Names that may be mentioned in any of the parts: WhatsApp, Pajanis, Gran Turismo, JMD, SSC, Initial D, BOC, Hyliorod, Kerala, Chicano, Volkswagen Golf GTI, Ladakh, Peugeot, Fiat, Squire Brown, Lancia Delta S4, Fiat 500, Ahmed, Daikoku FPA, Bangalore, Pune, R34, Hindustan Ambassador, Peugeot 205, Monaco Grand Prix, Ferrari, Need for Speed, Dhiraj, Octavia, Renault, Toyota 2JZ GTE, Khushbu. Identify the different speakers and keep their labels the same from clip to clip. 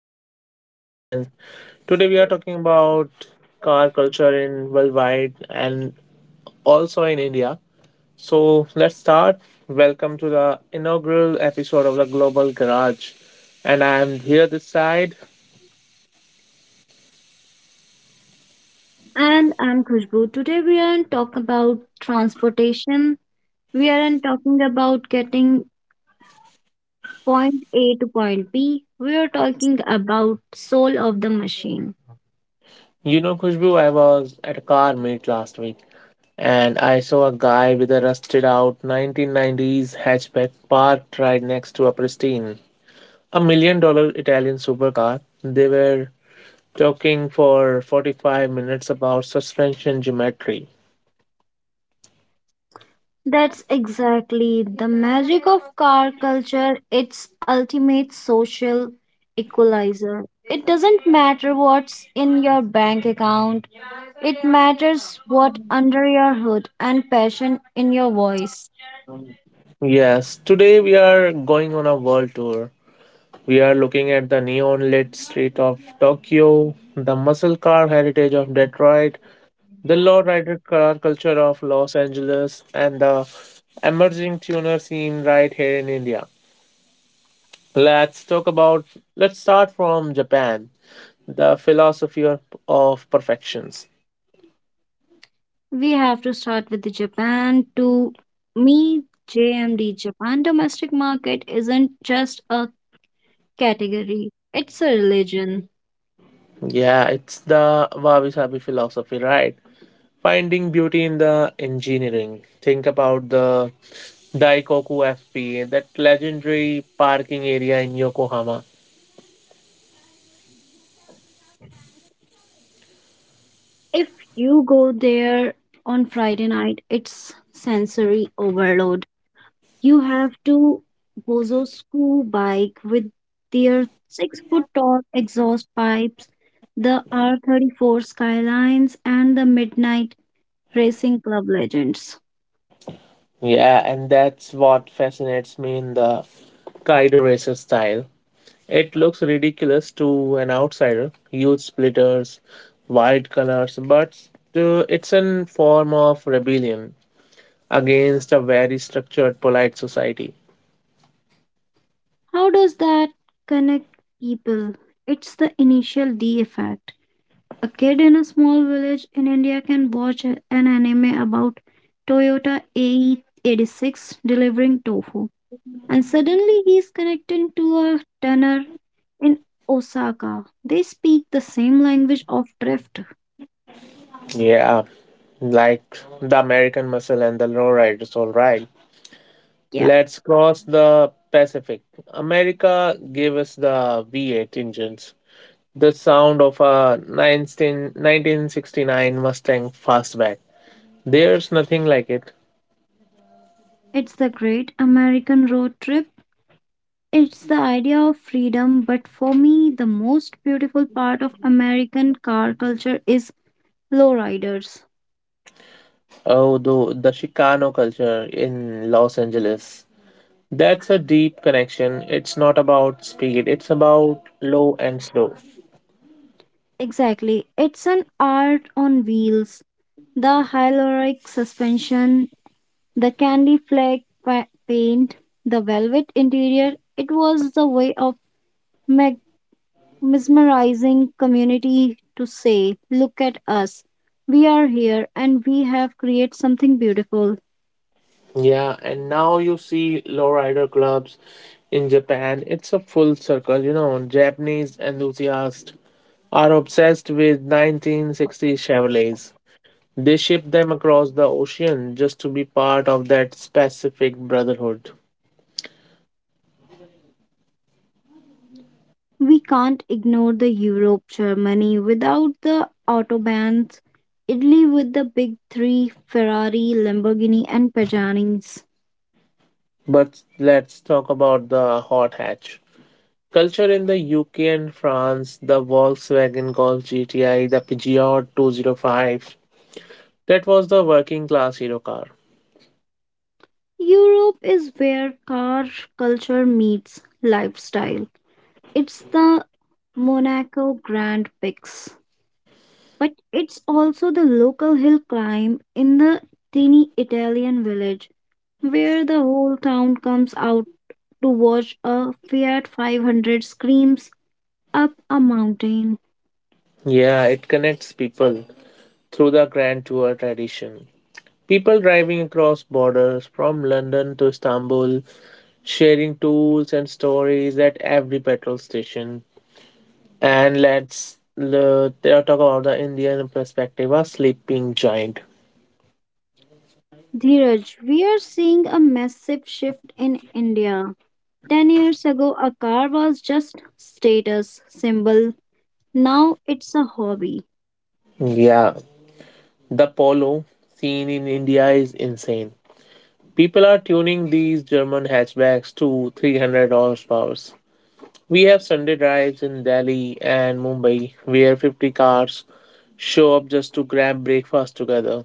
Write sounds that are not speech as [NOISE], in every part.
Speaker 1: podcast. And today we are talking about car culture in worldwide and also in India. So let's start. Welcome to the inaugural episode of the Global Garage. And I am here this side.
Speaker 2: And I'm Khushbu. Today we aren't talking about transportation. We aren't talking about getting point A to point B. We are talking about soul of the machine.
Speaker 1: You know, Khushbu, I was at a car meet last week and I saw a guy with a rusted out 1990s hatchback parked right next to a million dollar Italian supercar. They were talking for 45 minutes about suspension geometry.
Speaker 2: That's exactly the magic of car culture. It's ultimate social equalizer. It doesn't matter what's in your bank account. It matters what under your hood and passion in your voice.
Speaker 1: Yes, today we are going on a world tour. We are looking at the neon lit street of Tokyo, the muscle car heritage of Detroit, the lowrider car culture of Los Angeles, and the emerging tuner scene right here in India. Let's talk about, let's start from Japan, the philosophy of perfections.
Speaker 2: We have to start with the Japan. To me, JMD Japan domestic market isn't just a category, it's a religion.
Speaker 1: Yeah, it's the wabi sabi philosophy, right? Finding beauty in the engineering. Think about the Daikoku FPA, that legendary parking area in Yokohama.
Speaker 2: If you go there on Friday night, it's sensory overload. You have to bozo school bike with their 6 foot tall exhaust pipes, the R34 skylines, and the midnight racing club legends.
Speaker 1: Yeah, and that's what fascinates me in the Kaido racer style. It looks ridiculous to an outsider, huge splitters, wild colors, but it's a form of rebellion against a very structured, polite society.
Speaker 2: How does that connect people? It's the initial D effect. A kid in a small village in India can watch an anime about Toyota AE86 delivering tofu, and suddenly he's connected to a tanner in Osaka. They speak the same language of drift.
Speaker 1: Yeah, like the American muscle and the lowriders, all right.
Speaker 2: Yeah,
Speaker 1: Let's cross the Pacific. America gave us the V8 engines, the sound of a nineteen sixty nine Mustang fastback. There's nothing like it.
Speaker 2: it's the great American road trip. It's the idea of freedom, but for me, the most beautiful part of American car culture is Lowriders.
Speaker 1: Oh, the Chicano culture in Los Angeles. That's a deep connection. It's not about speed, it's about low and slow.
Speaker 2: Exactly. It's an art on wheels. The hyaluronic suspension, the candy flake paint, the velvet interior. It was the way of meg- mesmerizing community to say, look at us. We are here and we have created something beautiful.
Speaker 1: Yeah, and now you see lowrider clubs in Japan. It's a full circle. Japanese enthusiasts are obsessed with 1960s Chevrolets. They ship them across the ocean just to be part of that specific brotherhood.
Speaker 2: We can't ignore the Europe, Germany without the autobahns, Italy with the big three Ferrari, Lamborghini, and Pajanis.
Speaker 1: But let's talk about the hot hatch. Culture in the UK and France, the Volkswagen Golf GTI, the Peugeot 205, that was the working class hero car.
Speaker 2: Europe is where car culture meets lifestyle. It's the Monaco Grand Prix, but it's also the local hill climb in the teeny Italian village where the whole town comes out to watch a Fiat 500 screams up a mountain.
Speaker 1: Yeah, it connects people through the Grand Tour tradition. People driving across borders from London to Istanbul sharing tools and stories at every petrol station. And let's talk about the Indian perspective of sleeping giant.
Speaker 2: Dhiraj, we are seeing a massive shift in India. 10 years ago, a car was just status symbol. Now it's a hobby.
Speaker 1: Yeah, the polo scene in India is insane. People are tuning these German hatchbacks to 300 horsepower. We have Sunday drives in Delhi and Mumbai where 50 cars show up just to grab breakfast together.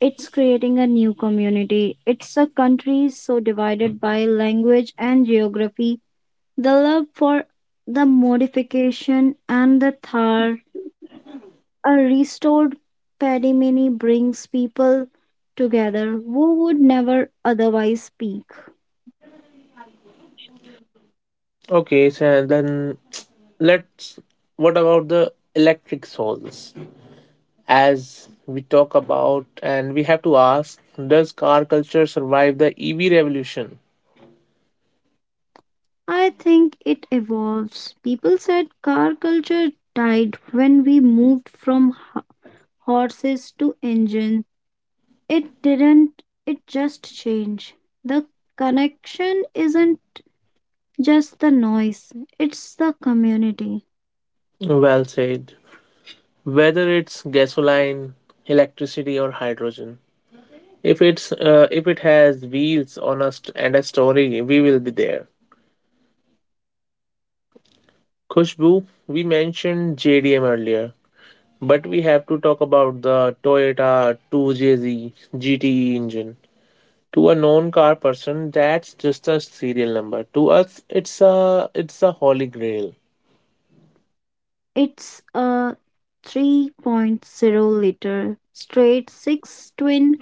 Speaker 2: It's creating a new community. It's a country so divided by language and geography. The love for the modification and the Thar, a restored Padimini brings people together who would never otherwise speak.
Speaker 1: Okay, so then let's. What about the electric souls? As we talk about, and we have to ask, does car culture survive the EV revolution?
Speaker 2: I think it evolves. People said car culture died when we moved from horses to engines. It didn't, it just changed. The connection isn't just the noise, it's the community.
Speaker 1: Well said. Whether it's gasoline, electricity or hydrogen, if it has wheels on us and a story, we will be there. Khushbu, we mentioned JDM earlier, but we have to talk about the Toyota 2JZ GTE engine. To a non-car person, that's just a serial number. To us, it's a holy grail.
Speaker 2: It's a three point zero liter straight six twin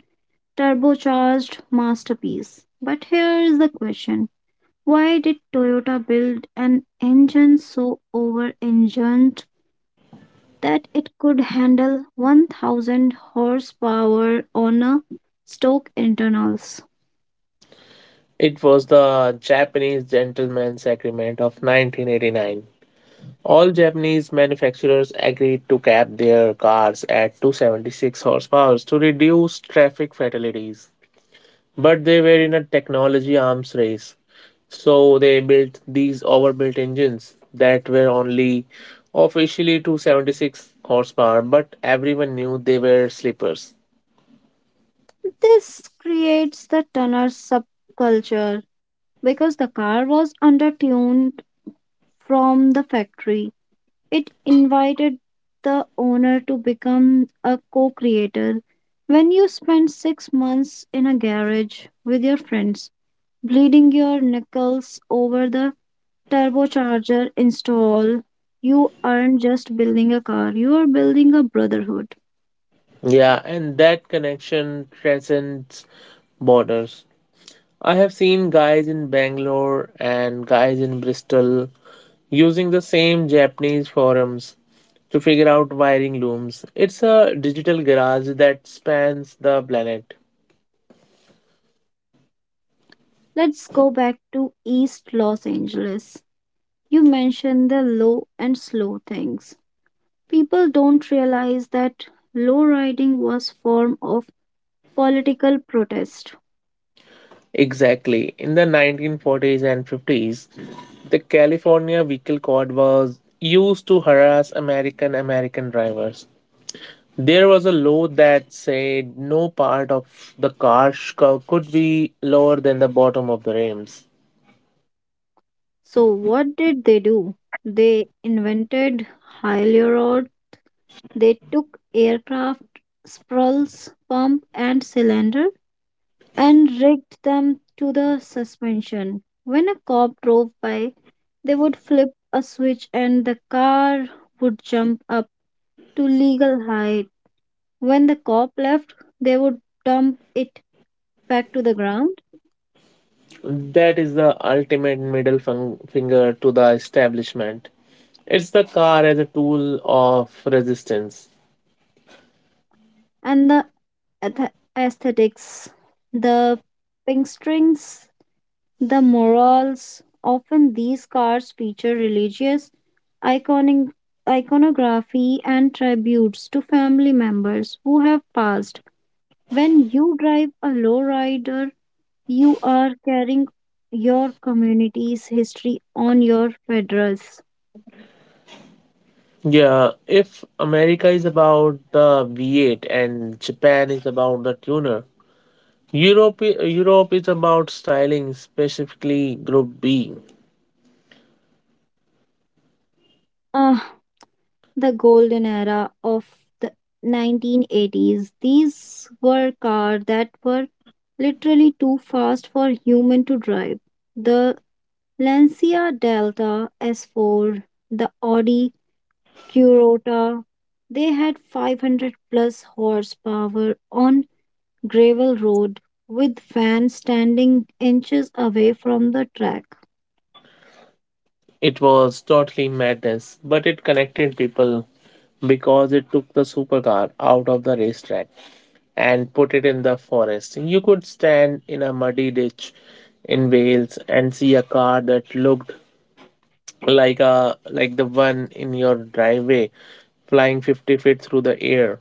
Speaker 2: turbocharged masterpiece. But here is the question why did Toyota build an engine so over engined that it could handle 1,000 horsepower on a stock internals?
Speaker 1: It was the Japanese Gentleman's Agreement of 1989. All Japanese manufacturers agreed to cap their cars at 276 horsepower to reduce traffic fatalities. But they were in a technology arms race, so they built these overbuilt engines that were only officially 276 horsepower, but everyone knew they were sleepers.
Speaker 2: This creates the Tunner subculture because the car was undertuned from the factory. It invited the owner to become a co creator. When you spend 6 months in a garage with your friends, bleeding your nickels over the turbocharger install, you aren't just building a car, you are building a brotherhood.
Speaker 1: Yeah, and that connection transcends borders. I have seen guys in Bangalore and guys in Bristol using the same Japanese forums to figure out wiring looms. It's a digital garage that spans the planet.
Speaker 2: Let's go back to East Los Angeles. You mentioned the low and slow things. People don't realize that low riding was form of political protest.
Speaker 1: Exactly. In the 1940s and 50s, the California Vehicle Code was used to harass American drivers. There was a law that said no part of the car could be lower than the bottom of the rims.
Speaker 2: So what did they do? They invented Hyliorod, they took aircraft, spruls, pump and cylinder and rigged them to the suspension. When a cop drove by, they would flip a switch and the car would jump up to legal height. When the cop left, they would dump it back to the ground,
Speaker 1: That is the ultimate middle finger to the establishment. It's the car as a tool of resistance.
Speaker 2: and the ath- aesthetics, the pink the morals. Often these cars feature religious iconic iconography and tributes to family members who have passed. When you drive a lowrider, you are carrying your community's history on your federals.
Speaker 1: Yeah, if America is about the V8 and Japan is about the tuner, Europe is about styling, specifically Group B.
Speaker 2: Ah, the golden era of the 1980s. These were cars that were literally too fast for human to drive. The Lancia Delta S4, the Audi Curota, they had 500 plus horsepower on gravel road with fans standing inches away from the track.
Speaker 1: It was totally madness, but it connected people because it took the supercar out of the racetrack and put it in the forest. You could stand in a muddy ditch in Wales and see a car that looked like the one in your driveway flying 50 feet through the air.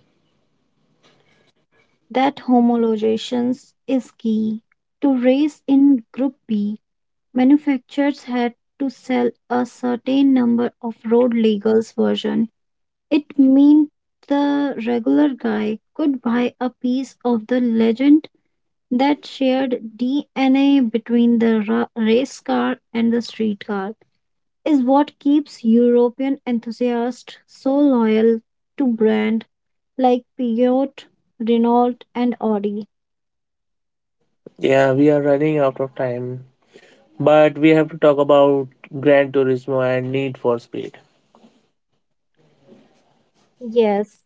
Speaker 2: That homologation is key to race in Group B. Manufacturers had to sell a certain number of road legals version. It meant the regular guy could buy a piece of the legend that shared DNA between the race car and the street car is what keeps European enthusiasts so loyal to brand like Peugeot, Renault and Audi.
Speaker 1: Yeah, we are running out of time, but we have to talk about Gran Turismo and Need for Speed.
Speaker 2: Yes,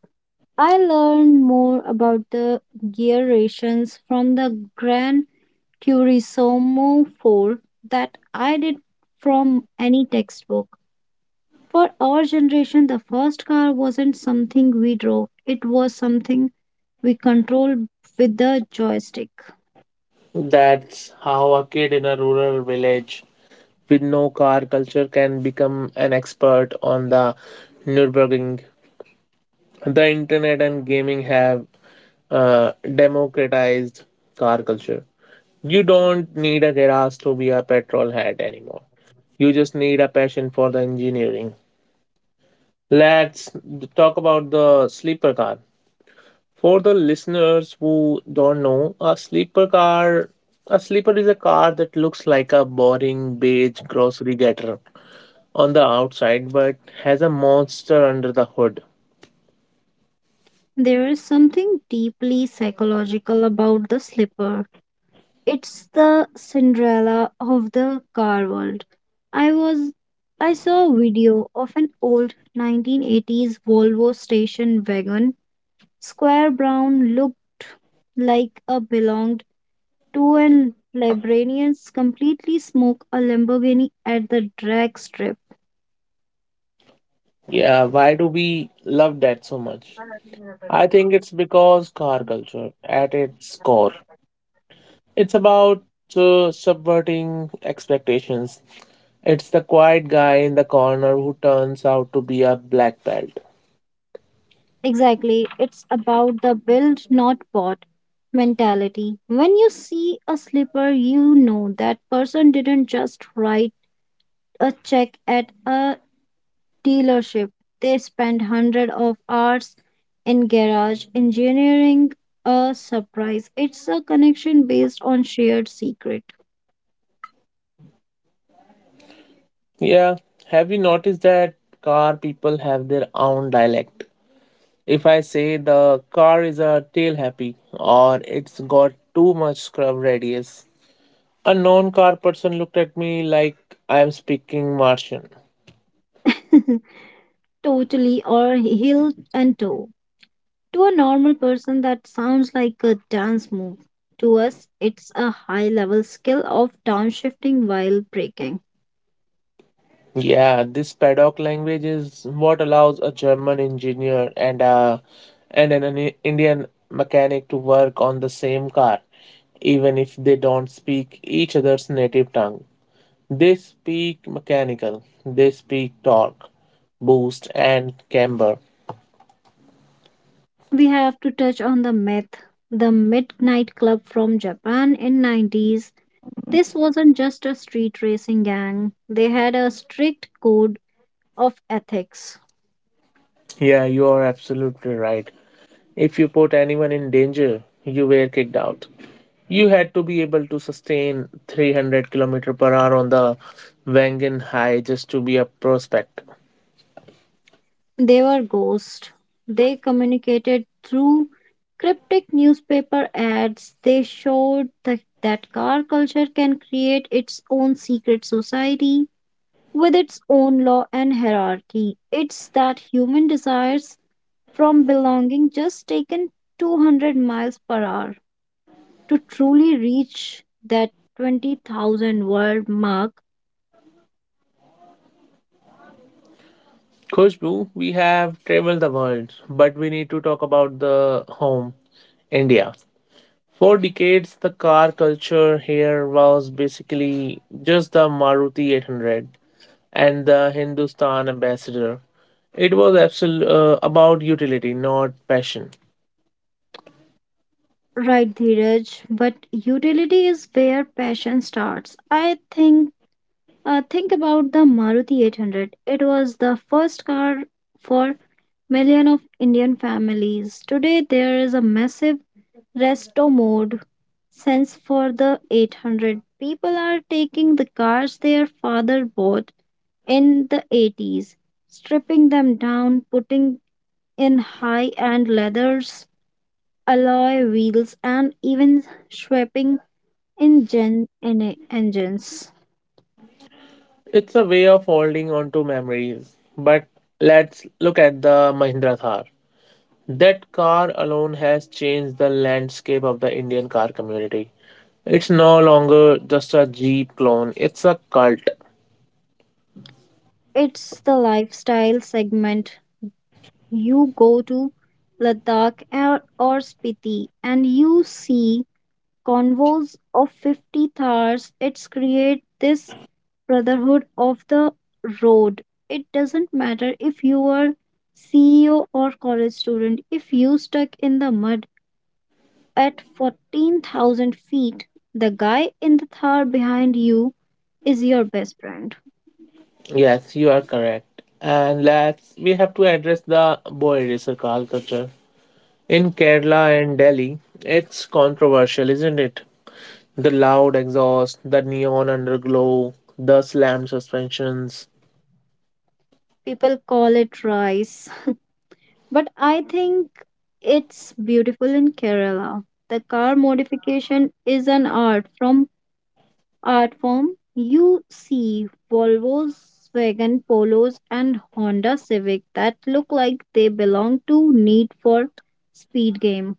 Speaker 2: I learned more about the gear rations from the Grand Curiosum 4 that I did from any textbook. For our generation, the first car wasn't something we drove, it was something we controlled with the joystick.
Speaker 1: That's how a kid in a rural village with no car culture can become an expert on the Nürburgring. The internet and gaming have democratized car culture. You don't need a garage to be a petrol head anymore. You just need a passion for the engineering. Let's talk about the sleeper car. For the listeners who don't know, a sleeper is a car that looks like a boring beige grocery getter on the outside but has a monster under the hood.
Speaker 2: There is something deeply psychological about the slipper. It's the Cinderella of the car world. I was I saw a video of an old 1980s Volvo station wagon Squire Brown looked like a belonged to an librarian's completely smoked a Lamborghini at the drag strip.
Speaker 1: Yeah, why do we love that so much? I think it's because car culture at its core. It's about subverting expectations. It's the quiet guy in the corner who turns out to be a black belt.
Speaker 2: Exactly. It's about the build, not bought mentality. When you see a slipper, you know that person didn't just write a check at a dealership. They spend hundreds of hours in garage engineering a surprise. It's a connection based on shared secret.
Speaker 1: Yeah, have you noticed that car people have their own dialect? If I say the car is a tail happy or it's got too much scrub radius, a non car person looked at me like I am speaking Martian.
Speaker 2: [LAUGHS] Totally or heel and toe. To a normal person, that sounds like a dance move. To us, it's a high level skill of downshifting while breaking.
Speaker 1: Yeah, this paddock language is what allows a German engineer and an Indian mechanic to work on the same car, even if they don't speak each other's native tongue. They speak mechanical, they speak torque, boost, and camber.
Speaker 2: We have to touch on the myth, the Midnight Club from Japan in 90s. This wasn't just a street racing gang, they had a strict code of ethics.
Speaker 1: Yeah, you are absolutely right. If you put anyone in danger, you were kicked out. You had to be able to sustain 300 km per hour on the Wangan High just to be a prospect.
Speaker 2: They were ghosts. They communicated through cryptic newspaper ads. They showed that car culture can create its own secret society with its own law and hierarchy. It's that human desires from belonging just taken 200 miles per hour to truly reach that 20,000 word mark.
Speaker 1: Khushbu, we have traveled the world, but we need to talk about the home, India. For decades, the car culture here was basically just the Maruti 800 and the Hindustan Ambassador. It was about utility, not passion.
Speaker 2: Right, Dheeraj, but utility is where passion starts. I think Think about the Maruti 800. It was the first car for million of Indian families. Today there is a massive resto mode sense for the 800. People are taking the cars their father bought in the 80s, stripping them down, putting in high-end leathers alloy wheels, and even swapping engines.
Speaker 1: It's a way of holding on to memories. But let's look at the Mahindra Thar. That car alone has changed the landscape of the Indian car community. It's no longer just a Jeep clone, it's a cult.
Speaker 2: It's the lifestyle segment. You go to Ladakh or Spiti and you see convoys of 50 cars. It's create this brotherhood of the road. It doesn't matter if you are CEO or college student. If you stuck in the mud, at 14,000 feet, the guy in the thar behind you is your best friend.
Speaker 1: Yes, you are correct. And let's we have to address the boy racer car culture. In Kerala and Delhi, it's controversial, isn't it? The loud exhaust, the neon underglow, the slammed suspensions.
Speaker 2: People call it rice, but I think it's beautiful in Kerala. The car modification is an art form. You see Volvos, Wagon Polos, and Honda Civic that look like they belong to Need for Speed game.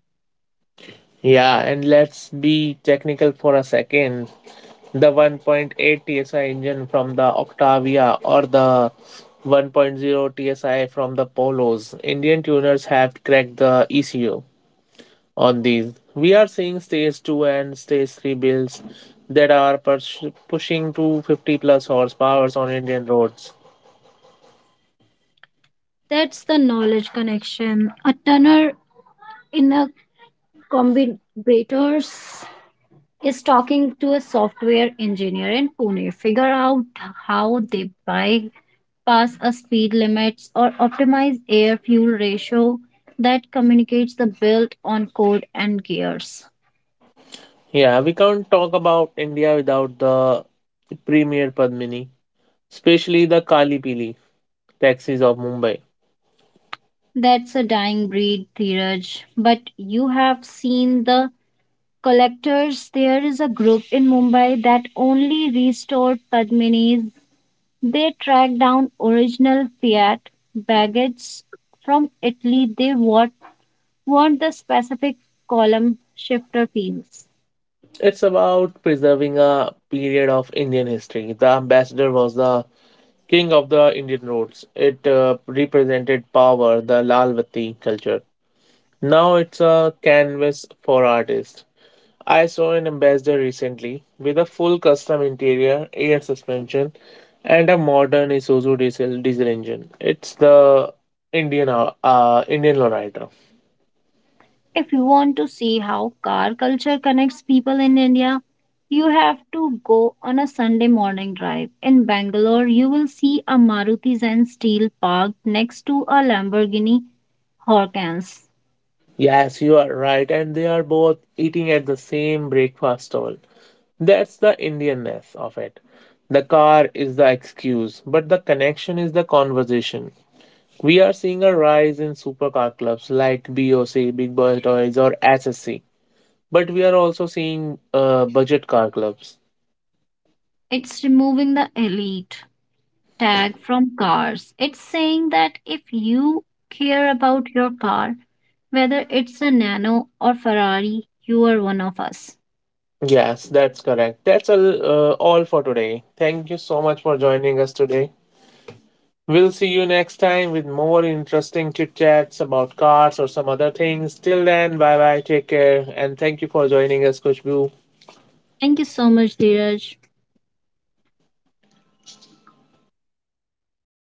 Speaker 1: Yeah, and let's be technical for a second. The 1.8 TSI engine from the Octavia or the 1.0 TSI from the Polos, Indian tuners have cracked the ECU on these. We are seeing stage 2 and stage 3 builds that are pushing to 50 plus horsepowers on Indian roads.
Speaker 2: That's the knowledge connection. A tunner in a Combinators is talking to a software engineer in Pune, figure out how they bypass a speed limits or optimize air fuel ratio that communicates the built on code and gears.
Speaker 1: Yeah, we can't talk about India without the premier Padmini, especially the Kali Pili taxis of Mumbai.
Speaker 2: That's a dying breed, Dheeraj. But you have seen the collectors. There is a group in Mumbai that only restored Padmini's. They tracked down original Fiat baggage from Italy. They want the specific column shifter wheels.
Speaker 1: It's about preserving a period of Indian history. The ambassador was the king of the Indian roads. It represented power, the Lalvati culture. Now it's a canvas for artists. I saw an ambassador recently with a full custom interior, air suspension, and a modern Isuzu diesel engine. It's the Indian lowrider.
Speaker 2: If you want to see how car culture connects people in India, you have to go on a Sunday morning drive. In Bangalore, you will see a Maruti Zen Steel parked next to a Lamborghini Huracans.
Speaker 1: Yes, you are right, and they are both eating at the same breakfast stall. That's the Indianness of it. The car is the excuse, but the connection is the conversation. We are seeing a rise in supercar clubs like BOC, Big Boy Toys, or SSC, but we are also seeing budget car clubs.
Speaker 2: It's removing the elite tag from cars. It's saying that if you care about your car, whether it's a Nano or Ferrari, you are one of us.
Speaker 1: Yes, that's correct. That's all for today. Thank you so much for joining us today. We'll see you next time with more interesting chit chats about cars or some other things. Till then, bye bye, take care, and thank you for joining us, Kushbu.
Speaker 2: Thank you so much, Dheeraj.